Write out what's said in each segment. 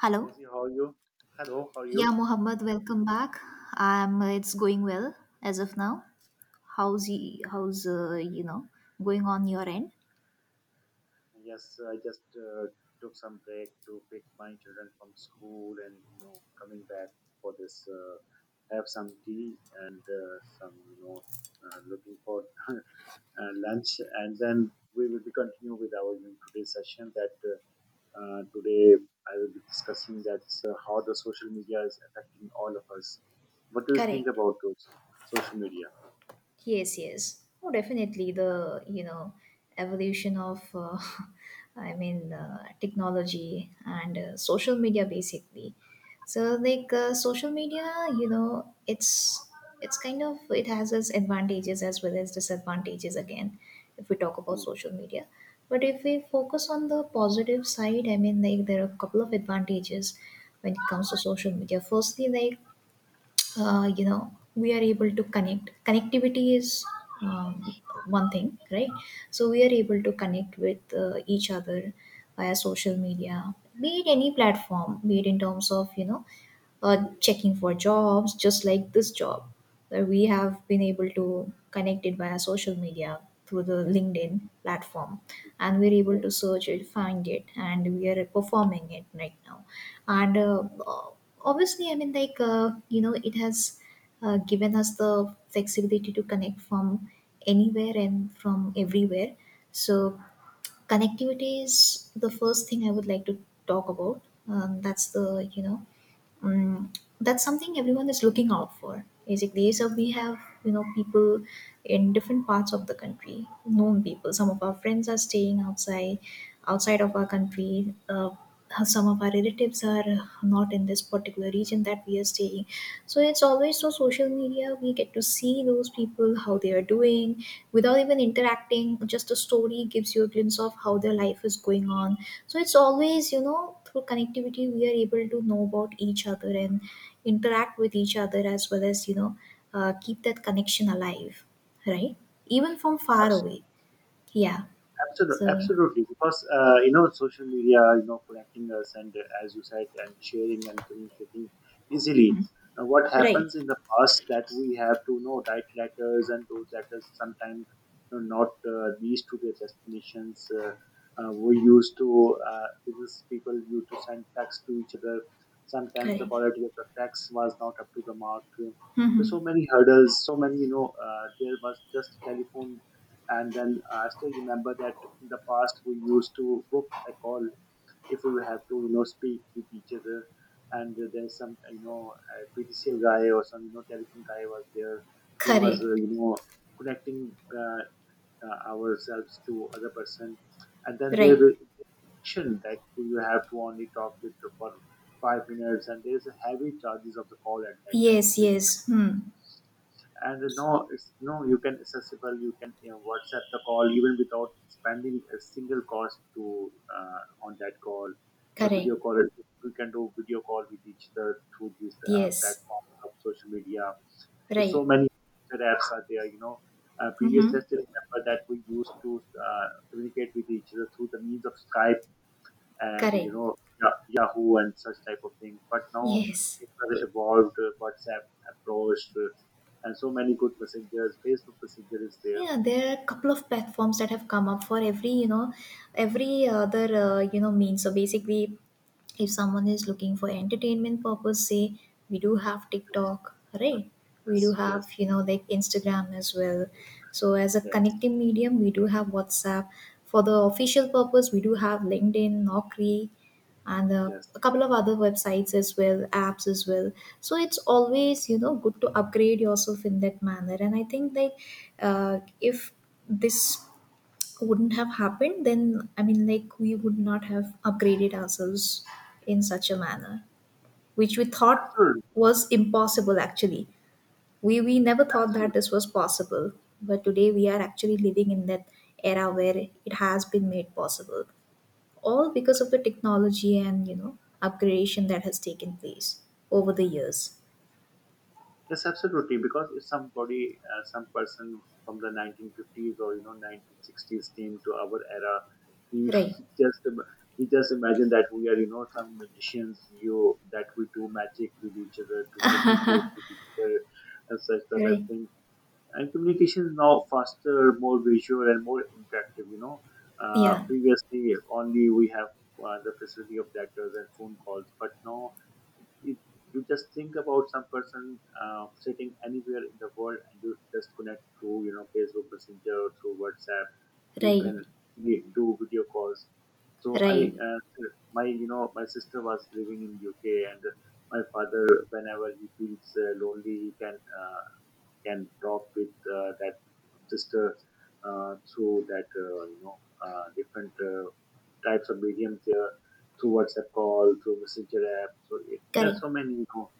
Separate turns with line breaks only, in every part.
So Daisy, how are you? Hello, how are
Yeah,
you?
Mohammed, welcome back. It's going well as of now. How's how's going on your end?
Yes, I just took some break to pick my children from school, and you know coming back for this have some tea and some looking for lunch, and then we will be continue with our you know, today's session that today I will be discussing that how the social media is affecting all of us. What do you think
Correct.
about those social media?
Yes, yes. Oh, definitely the evolution of, I mean, technology and social media basically. So like social media, you know, it's it's kind of it has its advantages as well as disadvantages again if we talk about
Mm,
social media. But if we focus on the positive side, I mean, like there are a couple of advantages when it comes to social media. Firstly, like we are able to connectivity is um, one thing, right? So we are able to connect with each other via social media, be it any platform, be it in terms of checking for jobs, just like this job that we have been able to connect it via social media through the LinkedIn platform, and we're able
yeah,
to search it, find it, and we are performing it right now. And obviously, I mean, like it has given us the flexibility to connect from anywhere and from everywhere. So connectivity is the first thing I would like to talk about. That's the you know Mm, That's something everyone is looking out for. Basically, so we have people in different parts of the country, known people. Some of our friends are staying outside of our country. Some of our relatives are not in this particular region that we are staying. So it's always through social media we get to see those people how they are doing without even interacting. Just a story gives you a glimpse of how their life is going on. So it's always through connectivity we are able to know about each other and interact with each other as well as keep that connection alive, right, even from far away.
absolutely.
Yeah.
Absolutely,
So,
absolutely. Because you know, social media, you know, connecting us and as you said, and sharing and communicating easily. Now, what
right.
happens in the past that we have to you know write letters, and those letters sometimes you know, not reach to their destinations. We used to business people used to send texts to each other. Sometimes the
Correct.
quality of the text was not up to the mark. There's
Mm-hmm.
so many hurdles, so many there was just telephone, and then I still remember that in the past we used to book a call if we have to, you know, speak with each other. And there's some, you know, a PTCL guy or some, you know, telephone guy was there who was,
Correct.
you know, connecting ourselves to other person. And then there
Right.
will restriction that you have to only talk with for 5 minutes, and there is a heavy charges of the call at that time. I
Yes,
still
yes. Hmm.
and no, it's no you can accessible, you can you know, whatsapp the call even without spending a single cost to uh, on that call, the
Correct.
video call. We can do video call with each other through this
Yes.
platform of social media. There's
Right.
so many other apps are there you know previous
Mm-hmm.
I still remember that we used to communicate with each other through the means of Skype and
Correct.
you know Yahoo and such type of things. But now
Yes.
it has evolved. WhatsApp approached, and so many good messengers. Facebook Messenger is there.
Yeah, there are a couple of platforms that have come up for every, every other, means. So basically, if someone is looking for entertainment purpose, say, we do have
Yes,
TikTok, right? We do
yes,
have,
yes,
like Instagram as well. So as a
yes,
connecting medium, we do have WhatsApp. For the official purpose, we do have LinkedIn, Naukri, and
yes.
a couple of other websites as well, apps as well. So it's always good to upgrade yourself in that manner. And I think, like, if this wouldn't have happened, then I mean, like, we would not have upgraded ourselves in such a manner which we thought
Absolutely,
was impossible. Actually, we never thought that
absolutely.
this was possible, but today we are actually living in that era where it has been made possible, all because of the technology and upgradation that has taken place over the years.
Yes, absolutely. Because if somebody, some person from the 1950s or you know 1960s came to our era, you
Right.
just im- you just imagine that we are you know some magicians. You that we do magic with each other to communicate with each other and such type of
Right.
thing, and communication is now faster, more visual, and more interactive. You know,
Yeah.
previously only we have the facility of letters and phone calls, but now it, you just think about some person sitting anywhere in the world, and you just connect through you know Facebook Messenger or through WhatsApp. You
Right.
can do video calls. So
Right.
my you know my sister was living in UK, and my father whenever he feels lonely, he can. Can talk with that sister through that you know different types of mediums there, through WhatsApp call, through Messenger app. So it, there's
Correct.
so many. You know,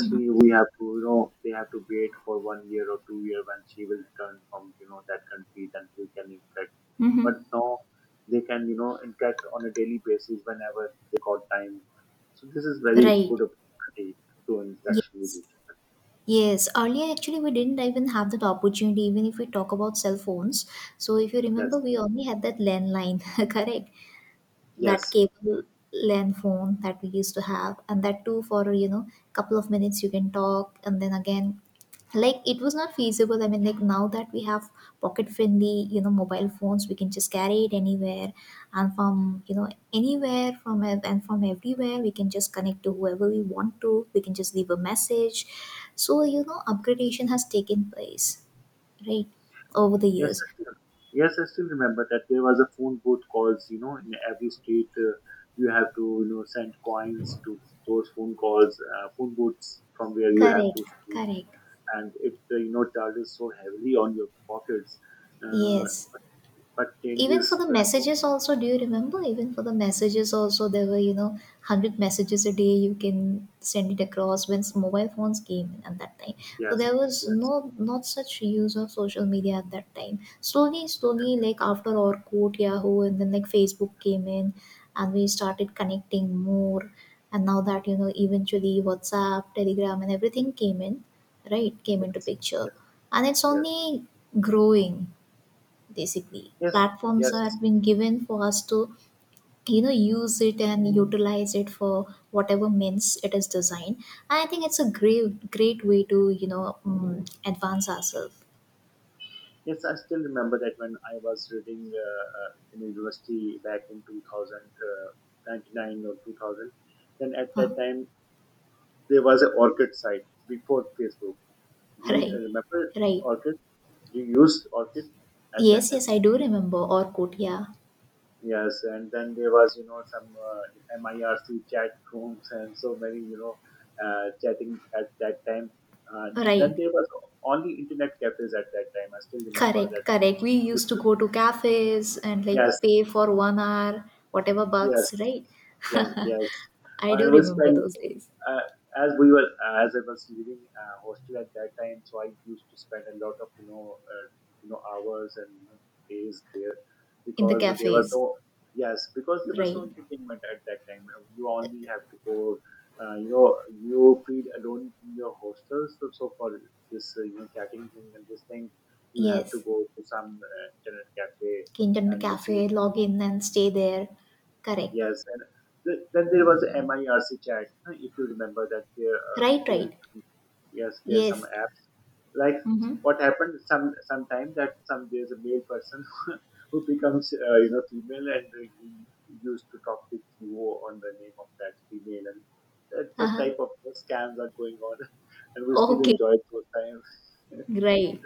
Mm-hmm.
we have to you know they have to wait for 1 year or 2 year when she will return from you know that country, then we can interact.
Mm-hmm.
But now they can you know interact on a daily basis whenever they got time. So this is very
Right.
good opportunity to
Ye-
interaction with each
yes, earlier actually we didn't even have that opportunity, even if we talk about cell phones. So if you
other.
remember,
Yes,
we only had that landline correct, that
yes.
cable LAN phone that we used to have, and that too for couple of minutes you can talk, and then again, like, it was not feasible. I mean, like now that we have pocket friendly mobile phones, we can just carry it anywhere, and from anywhere and from everywhere we can just connect to whoever we want to. We can just leave a message. So, upgradation has taken place, right, over the
Yes,
years.
I still, yes, I still remember that there was a phone booth calls. You know, in every street, you have to you know send coins to those phone calls, phone booths from where you have
Correct.
to speak,
Correct.
and it you know charges so heavily on your pockets. Uh,
Yes.
but
Even for
changes,
the
you know,
messages also, do you remember, even for the messages also, there were 100 messages a day you can send it across when mobile phones came in at that time. So
yes,
there was
yes,
no, not such use of social media at that time. Slowly, slowly, like, after Orkut, Yahoo, and then like Facebook came in, and we started connecting more. And now that eventually WhatsApp, Telegram, and everything came in, right, came into
yes,
picture.
yes,
And it's
yes,
only growing. Basically,
yes,
platforms
yes.
are being given for us to use it and utilize it for whatever means it is designed. And I think it's a great, great way to advance ourselves.
Yes, I still remember that when I was reading in university back in 2000 99 or 2000, then at
Huh.
that time there was an Orchid site before Facebook. Do you
Right.
remember
Right.
Orchid? Do you use Orchid at that
Yes,
time?
yes. I do remember Orkut, yeah.
Yes, and then there was you know some MIRC chat rooms and so many you know chatting at that time. Uh,
Right.
then there was only internet cafes at that time. I still remember
Correct.
that.
Correct. We
Used-
used
used
to
to-
go to cafes and, like,
Yes,
pay for 1 hour, whatever bucks,
yes,
right?
yes, yes.
I
I
do
was
remember
spend
those days.
as we were as I was living hostel at that time, so I used to spend a lot of you know hours and you know, days there
In the
because there was
cafes.
no yes because there was no
Right.
entertainment at that time. You only have to go. You know, you feel alone in your hostel. So, so for this, you know, chatting thing and this thing, you have to
Yes.
go to some internet cafe
Internet
and
cafe,
use.
log in and stay there. Correct.
Yes, and th then there was MIRC chat, huh, if you remember that
Right,
there,
right.
yes, there's some
Yes.
apps. Like
Mm-hmm.
what happened some sometime that some there's a male person who becomes you know female, and he used to talk with you on the name of that female, and such
Uh-huh.
type of scams are going on and we still
Okay.
enjoy those times.
Right.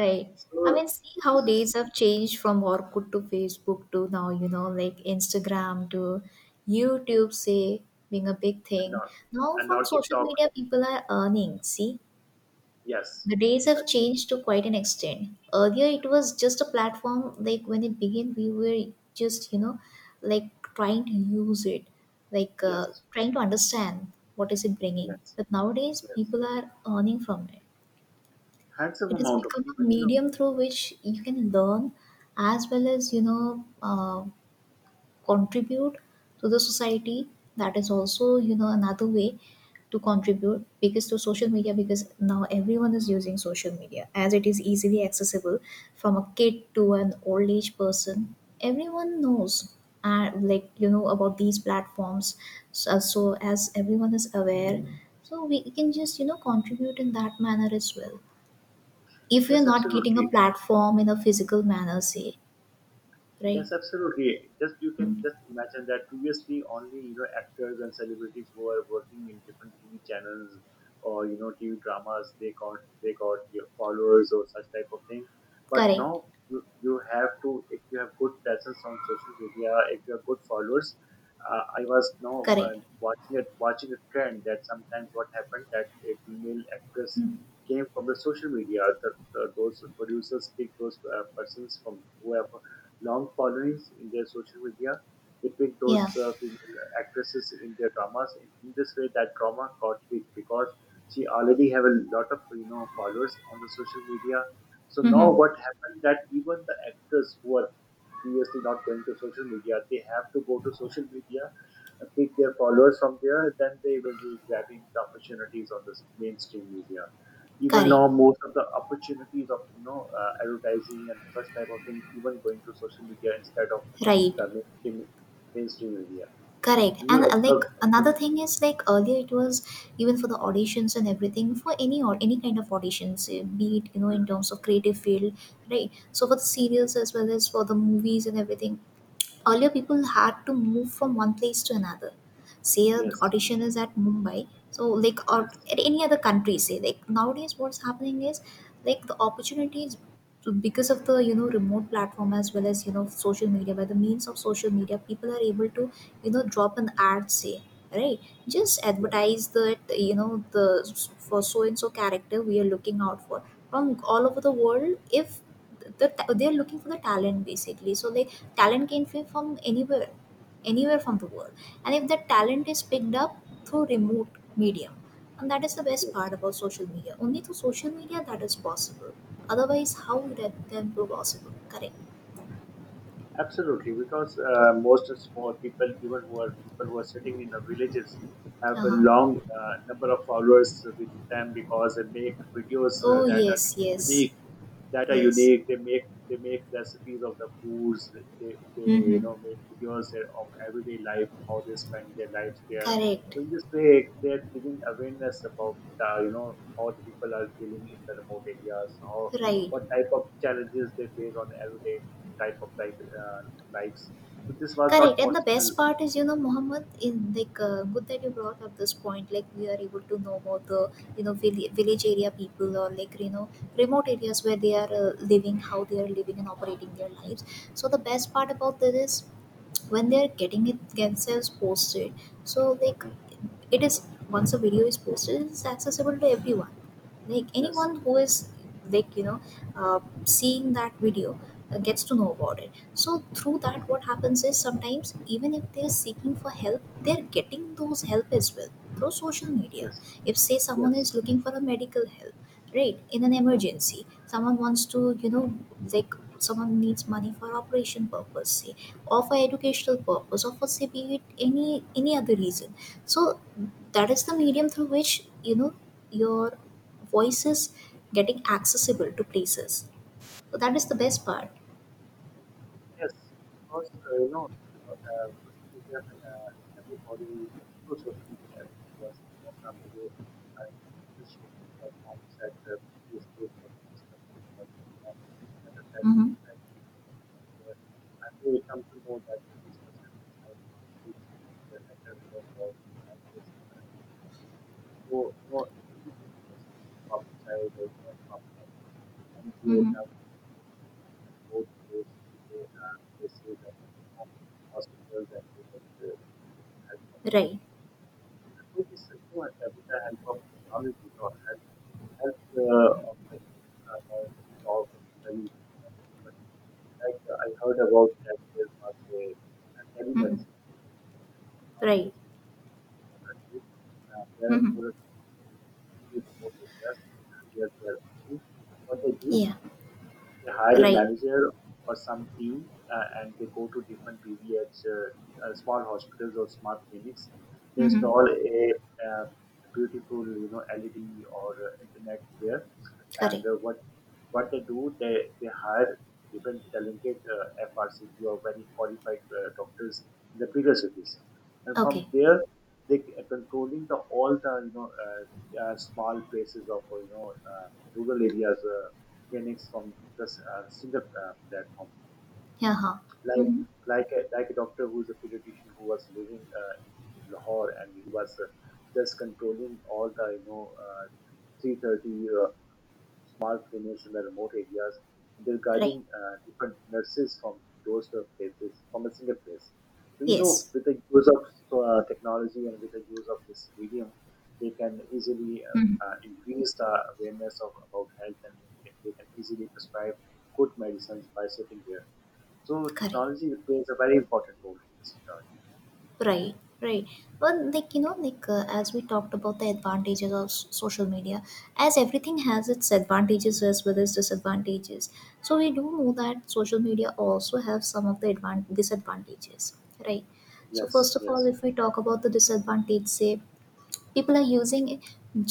Right. I
So
mean, see how
this is
days have changed from Orkut to Facebook to now, like Instagram to YouTube, say, being a big thing.
not
Now,
and
from
not
social
TikTok.
media, people are earning. See,
Yes,
the days
uh,
have changed to quite an extent. Earlier, it was just a platform. Like when it began, we were just like trying to use it, like
yes,
trying to understand what is it bringing.
yes,
But nowadays,
yes.
people are earning from it.
Handsome
It has
amount of
become a
even you know
medium through which you can learn, as well as contribute to the society. That is also another way to contribute, because to social media, because now everyone is using social media as it is easily accessible from a kid to an old age person. Everyone knows like about these platforms. So, as everyone is aware, so we can just contribute in that manner as well if we are
yes
not getting a
absolutely.
platform in a physical manner, say. Right.
Yes, absolutely. Just you can
Mm.
just imagine that previously only you know actors and celebrities who are working in different TV channels or you know TV dramas they got your followers or such type of thing. But
Correct.
now you have to if you have good presence on social media, if you have good followers. I was now
Correct.
watching a trend that sometimes what happened that a female actress
Hmm.
came from the social media. Those producers pick those persons from whoever long followings in their social media. They picked those
Yeah.
female actresses in their dramas. In this way, that drama got hit because she already have a lot of you know followers on the social media. So now
Mm-hmm.
what happened that even the actors who are previously not going to social media, they have to go to social media, pick their followers from there, then they will be grabbing the opportunities on this mainstream media, even
Correct.
now most of the opportunities of you know advertising and such type of things even going to social media instead of
Right.
the mainstream media.
Correct.
Do you
And like another
observe-
thing is, like, earlier it was, even for the auditions and everything, for any kind of auditions, be it
Mm,
in terms of creative field, right? So for the serials as well as for the movies and everything, earlier, people had to move from one place to another. Say an
yes,
audition is at Mumbai, so, like, or
yes,
at any other country. Say, like, nowadays, what's happening is, like, the opportunities, so because of the remote platform as well as social media. By the means of social media, people are able to drop an ad. Say, right, just
yes,
advertise that you know the for so and so character we are looking out for from all over the world, if the, they're looking for the talent basically. So like talent can be from anywhere, anywhere from the world. And if that talent is picked up through remote medium, and that is the best
yes,
part about social media. Only through social media that is possible, otherwise how would that then be possible? Correct.
absolutely. Because most of small people even who are people who are sitting in the villages have a
Uh-huh.
long number of followers with them because they make videos
Oh,
that are
yes, yes.
unique, that are
Yes.
unique. They make recipes of the foods. They you
Mm-hmm.
know make videos of everyday life, how they spend their lives there.
Correct.
So in this way, they're giving awareness about the, you know how the people are feeling in the remote areas, how
Right.
what type of challenges they face on everyday type of life lives. So this was
Correct.
not
And the
possible.
best part is, Mohammed, in like good that you brought up this point. Like we are able to know about the village area people or like remote areas where they are living, how they are living and operating their lives. So the best part about this is when they are getting it themselves posted. So like
Mm,
it is once a video is posted, it's accessible to everyone, like
yes,
anyone who is like uh, seeing that video gets to know about it. So through
yes,
that what happens is, sometimes even if they're seeking for help, they're getting those help as well through social media.
yes,
If, say, someone
yes.
is looking for a medical help, right, in an emergency, someone wants to, like, someone needs money for operation purpose, say, or for educational purpose, or for, say, be it any other reason. So that is the medium through which your voices getting accessible to places. So that is the best part.
Yes, because social media, everybody through social media, everybody was involved up to the knowledge sharing platforms that through Facebook or through Instagram or uh, other platforms
Mm-hmm.
that and they come to know that this person is having issues with their mental health, or like this parental issues. So you know, if person from the public side or you know from an NGO
Mm-hmm.
and both those places and uh, hospitals and they get the help from there.
Right.
I thought this is no, with the help of technology or help, help of like or solve very you know, frequent. Like I heard about that there was a
Mm-hmm.
telemedicine
Right.
nowadays in our country. There are
Mm-hmm.
more remote areas where they are active. What they do,
Yeah.
they hire a
Right.
manager or some team, and they go to different BVH, small hospitals or small clinics. They
Mm-hmm.
install a, uh beautiful, you know, LED or internet there. And
Correct.
what they do, they hire different talented FRCP or very qualified doctors in the bigger cities, and
Okay.
from there they are controlling the all the you know small places of you know rural areas. Clinics from the single platform.
Yeah. Huh.
Like
Mm-hmm.
like a doctor who is a pediatrician who was living in Lahore, and he was just controlling all the you know 330 small clinics in the remote areas. And they're
Right.
guiding different nurses from those sort of places, from a single place. So, you know,
Yes.
with the use of technology and with the use of this medium, they can easily
Mm-hmm.
increase the awareness of about health and they can easily prescribe good medicines by sitting there. So,
Correct.
technology plays a very important role in this regard.
Right, right. Well, like, like as we talked about the advantages of social media, as everything has its advantages as well as disadvantages. So we do know that social media also have some of the disadvantages, right? So
Yes,
first of all,
yes,
if we talk about the disadvantage, say people are using it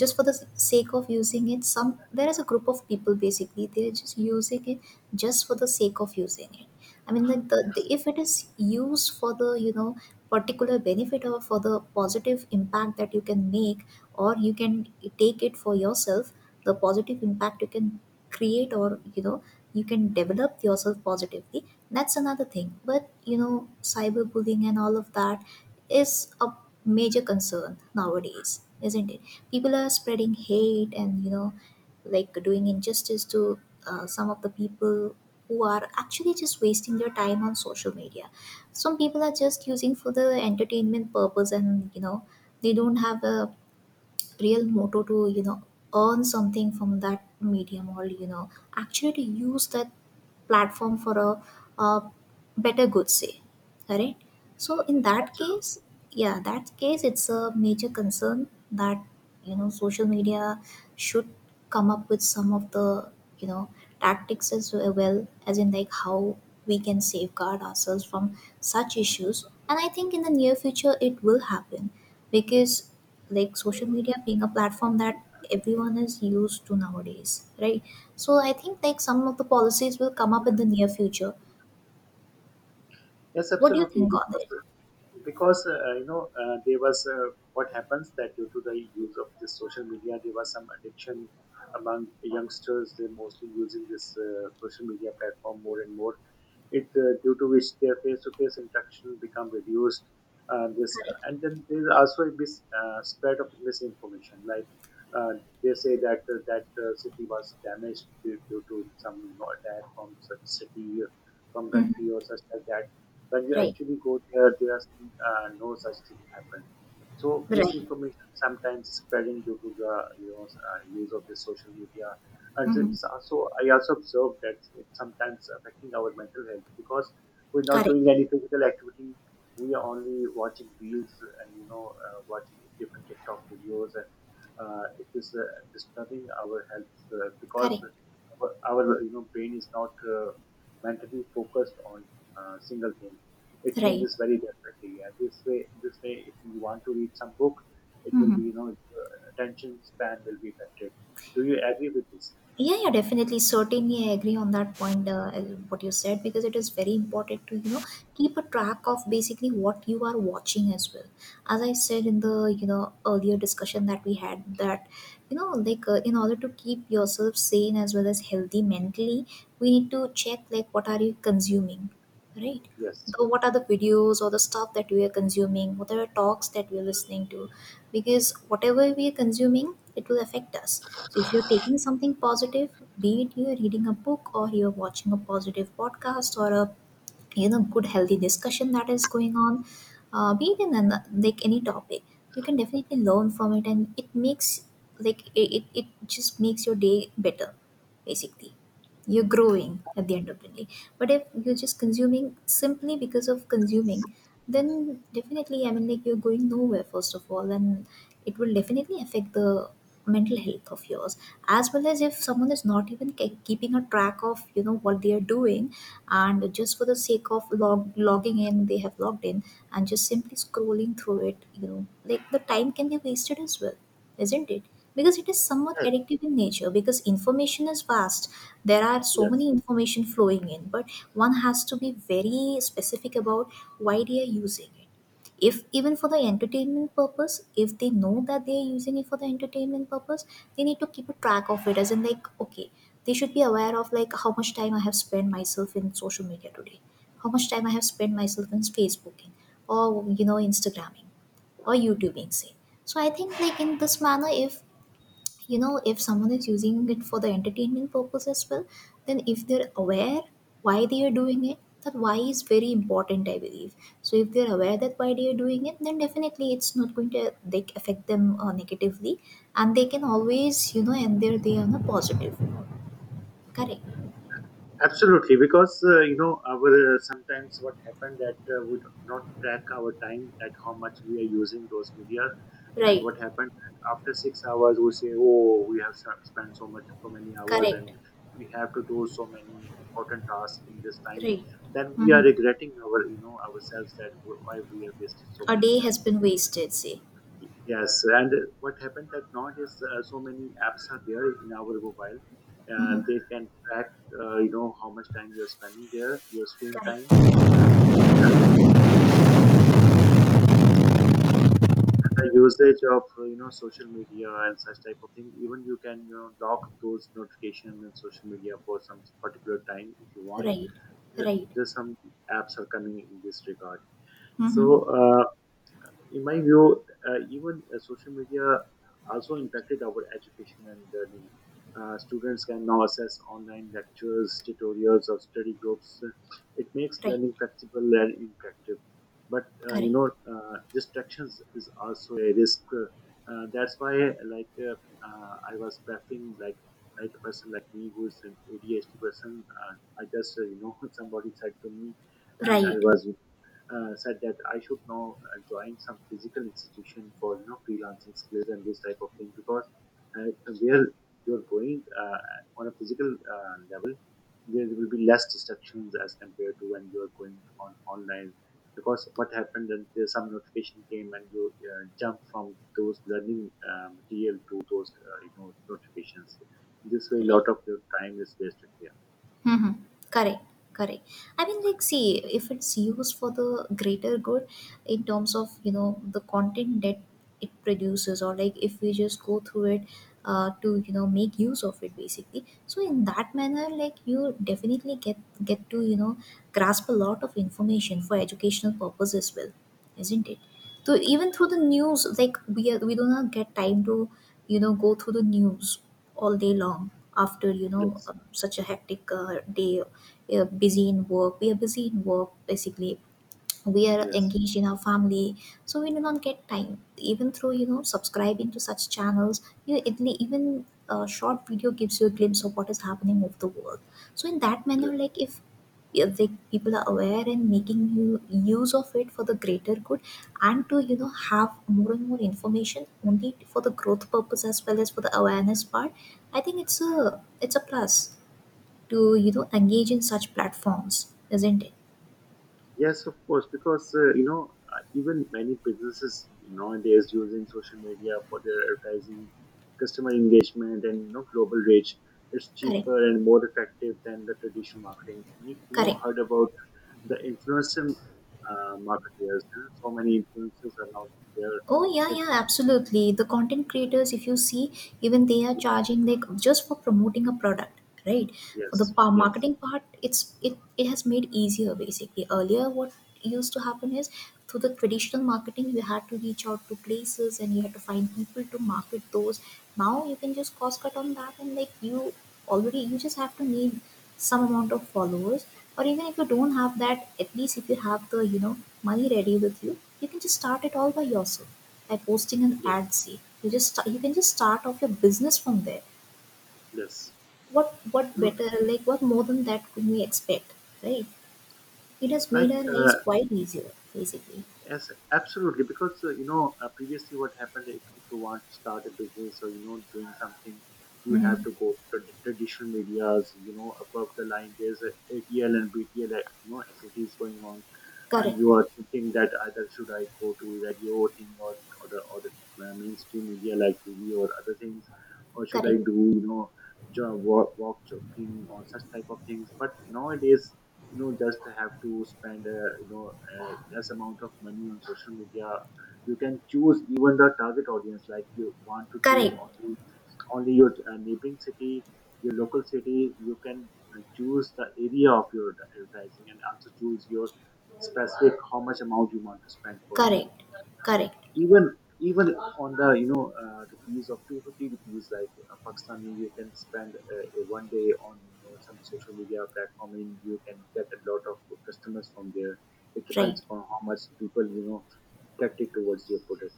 just for the sake of using it some, there is a group of people basically, they're just using it just for the sake of using it. I mean like the
yes,
if it is used for the you know particular benefit, or for the positive impact that you can make, or you can take it for yourself, the positive impact you can create, or you know, you can develop yourself positively, that's another thing. But you know, cyberbullying and all of that is a major concern nowadays, isn't it? People are spreading hate and, you know, like doing injustice to some of the people who are actually just wasting their time on social media. Some people are just using for the entertainment purpose and, you know, they don't have a real motto to, you know, earn something from that medium or, you know, actually to use that platform for a better good, say. Right, so in that case, yeah, that case it's a major concern that, you know, social media should come up with some of the, you know, tactics as well as in like how we can safeguard ourselves from such issues. And I think in the near future it will happen, because like social media being a platform that everyone is used to nowadays, right? So I think like some of the policies will come up in the near future.
Yes,
What do you
absolutely.
think on
Because
it?
because uh, you know there was what happens that due to the use of this social media, there was some addiction among youngsters. They're mostly using this social media platform more and more it due to which their face-to-face interaction become reduced. This
Correct.
And then there is also a spread of misinformation, like, uh, they say that city was damaged due to some, you know, attack from such city, or from
Hmm.
country, or such like that. When you
Right,
actually go there, there are, no such thing happened. So
right.
misinformation sometimes spreading due to the you know use of the social media, and
hmm
it's also, I also observed that it's sometimes affecting our mental health because we're not
Correct,
doing any physical activity. We are only watching reels and you know watching different TikTok videos, and it is disturbing our health because
correct.
our, you know, brain is not mentally focused on single thing. It
Right.
changes very rapidly, and this way, if you want to read some book, it will
Hmm.
be, you know, your attention span will be affected. Do you agree with this?
Yeah, yeah, definitely. Certainly, I agree on that point. What you said, because it is very important to, you know, keep a track of basically what you are watching as well. As I said in the, you know, earlier discussion that we had, that you know like in order to keep yourself sane as well as healthy mentally, we need to check like what are you consuming, right?
Yes,
The, what are the videos or the stuff that we are consuming? What are the talks that we are listening to? Because whatever we are consuming, it will affect us. So if you're taking something positive, be it you're reading a book or you're watching a positive podcast or a, you know, good healthy discussion that is going on, be it in an, like any topic, you can definitely learn from it, and it makes, like it just makes your day better, basically. You're growing at the end of the day. But if you're just consuming simply because of consuming, then definitely, I mean like, you're going nowhere first of all, and it will definitely affect the mental health of yours. As well, as if someone is not even keeping a track of, you know, what they are doing, and just for the sake of logging in they have logged in, and just simply scrolling through it, you know, like the time can be wasted as well, isn't it? Because it is somewhat
yes,
addictive in nature, because information is vast. There are so many
yes,
information flowing in, but one has to be very specific about why they are using it. If even for the entertainment purpose, if they know that they are using it for the entertainment purpose, they need to keep a track of it, as in like okay, they should be aware of like how much time I have spent myself in social media today, how much time I have spent myself in facebooking, or you know, instagramming, or youtubing, say. So I think like in this manner, if you know, if someone is using it for the entertainment purpose as well, then if they're aware why they are doing it, that why is very important, I believe. So if they're aware that why they are doing it, then definitely it's not going to like affect them negatively, and they can always, you know, end their day on a positive note. Correct.
absolutely. Because you know, our, sometimes what happened that we do not track our time that how much we are using those media, and
Right.
what happened that after 6 hours we say, oh, we have spent so much, so many hours,
Correct.
and we have to do so many important tasks in this time.
Right.
Then we
Mm-hmm.
are regretting our, you know, ourselves that why we are wasting so
A
many
day has
time.
been wasted, say.
Yes, and what happened that nowadays so many apps are there in our mobile, and
Mm-hmm.
they can track you know how much time you are spending there, your screen time,
Correct.
and the usage of you know social media and such type of thing. Even you can you know lock those notifications in social media for some particular time if you want.
Right, right.
There's some apps are coming in this regard. So.
Mm-hmm.
Uh, in my view, even social media also impacted our education and learning. Students can now access online lectures, tutorials, or study groups. It makes
Right.
learning flexible and interactive. But you
Correct.
know, distractions is also a risk. That's why, like, I was prepping like a person like me who is an ADHD person. I just you know somebody said to me, and I
Right,
was said that I should now join some physical institution for you know freelancing skills and this type of thing because, uh, where you're going on a physical level, there will be less distractions as compared to when you're going on online. Because what happened that there's some notification came and you jump from those learning material to those you know notifications. This way, a
right.
lot of your time is wasted here.
Mm-hmm. Correct, correct. I mean, like, see, if it's used for the greater good in terms of, you know, the content that it produces, or like if we just go through it to, you know, make use of it basically. So, in that manner, like, you definitely get to, you know, grasp a lot of information for educational purpose as well, isn't it? So, even through the news, like, we do not get time to, you know, go through the news all day long after
Yes,
such a hectic day. Busy in work, we are busy in work basically, we are
yes,
engaged in our family, so we do not get time. Even through, you know, subscribing to such channels, you at even a short video gives you a glimpse of what is happening of the world. So in that manner,
yes.
like if the people are aware and making you use of it for the greater good, and to, you know, have more and more information only for the growth purpose as well as for the awareness part, I think it's a plus to, you know, engage in such platforms, isn't it?
Yes, of course, because you know even many businesses nowadays using social media for their advertising, customer engagement, and you know global reach. It's
Correct,
cheaper and more effective than the traditional marketing. You know,
correct.
heard about the influencer marketers. You know, so many influencers are now there.
Oh yeah,
that-
yeah, absolutely. The content creators, if you see, even they are charging like just for promoting a product, right? For the
Yes, yes,
marketing part, it has made easier basically. Earlier, what used to happen is through the traditional marketing, you had to reach out to places and you had to find people to market those. Now you can just cost cut on that, and like you already, you just have to need some amount of followers, or even if you don't have that, at least if you have the, you know, money ready with you, you can just start it all by yourself by posting an
yes,
ad. See, you just you can just start off your business from there.
yes.
What
You know,
better, like what more than that could we expect? Right, it has
like
made our lives quite easier basically.
yes, absolutely. Because you know, previously what happened if you want to start a business or you know doing something, you have
Mm-hmm.
to go to the traditional media's. You know, above the line, there's a ATL and BTL, you know, activities going on, and
Correct,
you are thinking that either should I go to radio thing or other mainstream media like TV or other things, or should I
correct,
do you know walk jogging or such type of things. But nowadays, you know, just have to spend a, you know, a less amount of money on social media. You can choose even the target audience, like you want to choose
correct,
only your neighboring city, your local city. You can choose the area of your advertising and also choose your specific how much amount you want to spend for a day.
correct, correct.
Even on the you know rupees of 250 rupees like pakistani you can spend a one day on you know some social media platform and you can get a lot of customers from there. It
Right.
depends on how much people you know tactic towards your product.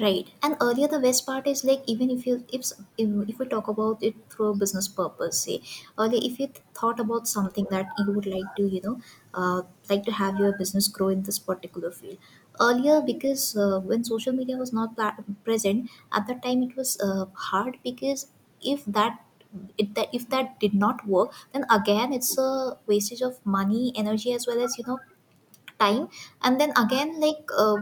Right. And earlier, the best part is like, even if you if we talk about it through a business purpose, say earlier if you thought about something that you would like to, you know, uh, like to have your business grow in this particular field. Earlier, because when social media was not present at that time, it was hard because if that, it, that if that did not work, then again it's a wastage of money, energy, as well as you know, time. And then again like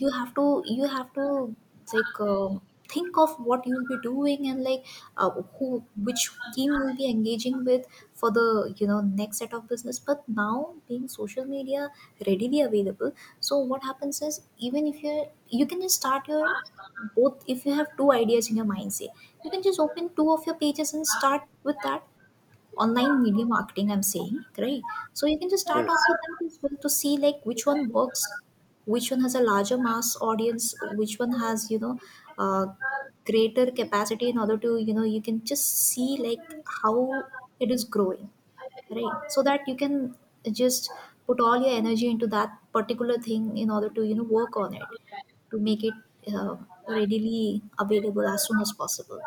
you have to, you have to like think of what you'll be doing, and like, uh, who, which team you'll be engaging with for the, you know, next set of business. But now, being social media readily available, so what happens is, even if you're, you can just start your both, if you have two ideas in your mind, say, you can just open two of your pages and start with that, online media marketing, I'm saying, right? So you can just
Yes,
start off with that as well to see like which one works, which one has a larger mass audience, which one has, you know, uh, greater capacity in order to, you know, you can just see like how it is growing, right? So that you can just put all your energy into that particular thing in order to, you know, work on it to make it uh, readily available as soon as possible.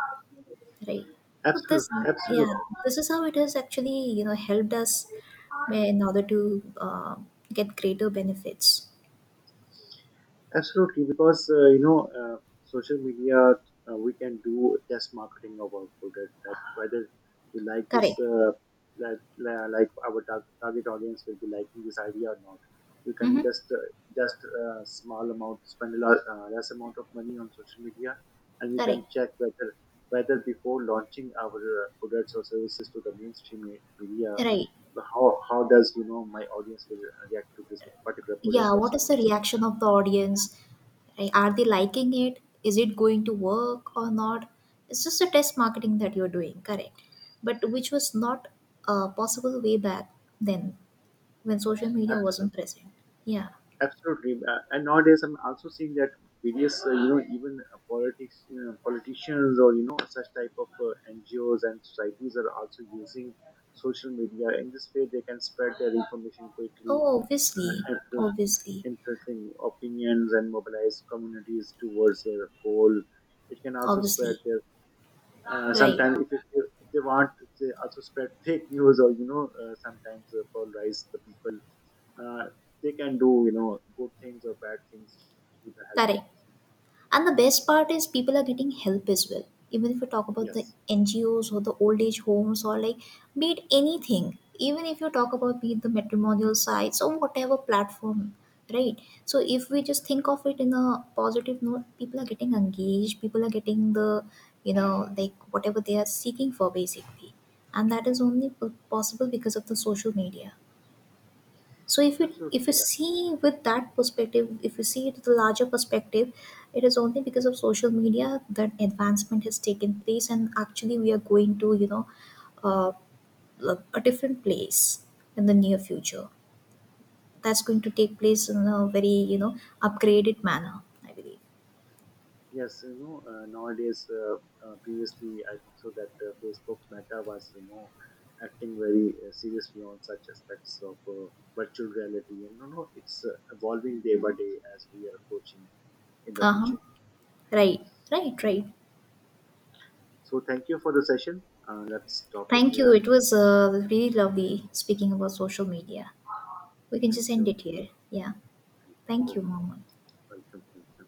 Right. So this,
absolutely,
yeah,
absolutely.
this is how it has actually, you know, helped us in order to get greater benefits.
Absolutely, because you know, social media, we can do test marketing of our product. That whether we like this,
Correct.
like our target audience will be liking this idea or not. You can
Mm-hmm.
just small amount, spend a lot, less amount of money on social media, and you
Correct.
can check whether, before launching our products or services to the mainstream media,
Right.
how does you know my audience will react to this particular product
Yeah.
or
What is the
service?
reaction of the audience? Right. Are they liking it? Is it going to work or not? It's just a test marketing that you're doing. Correct. But which was not possible way back then, when social media
Absolutely.
wasn't present. Yeah.
Absolutely, and nowadays I'm also seeing that various, you know, even, politicians, or you know, such type of NGOs and societies are also using social media. In this way, they can spread their information quickly,
Oh, obviously.
uh, influ-
Obviously.
influencing opinions and mobilize communities towards their goal. It can also spread
Obviously.
their.
Right,
Sometimes, if, it, if they want, they also spread fake news, or you know, sometimes polarize the people, uh, they can do you know good things or bad things with the help of
correct.
this.
And the best part is people are getting help as well. Even if you talk about the
Yes,
NGOs or the old age homes, or like be it anything, even if you talk about be it the matrimonial sites or whatever platform, right? So if we just
yes,
think of it in a positive note, people are getting engaged, people are getting the, you know, like whatever they are seeking for basically. And that is only possible because of the social media. So if you, if you
absolutely. uh,
see with that perspective, if you see it with the larger perspective, it is only because of social media that advancement has taken place, and actually we are going to, you know, uh, a different place in the near future, that's going to take place in a very, you know, upgraded manner, I believe.
Yes, you know previously I think so that Facebook Meta was you know acting very seriously on such aspects of virtual reality, and no, no, it's evolving day by day as we are approaching in the
Uh-huh.
future.
Right. Right, right.
So thank you for the session. Let's stop it
Thank you,
here.
it was really lovely speaking about social media. We can
Thank
just end
you.
it here, yeah.
Thank you.
Thank
Oh,
you, mama.
welcome. Welcome.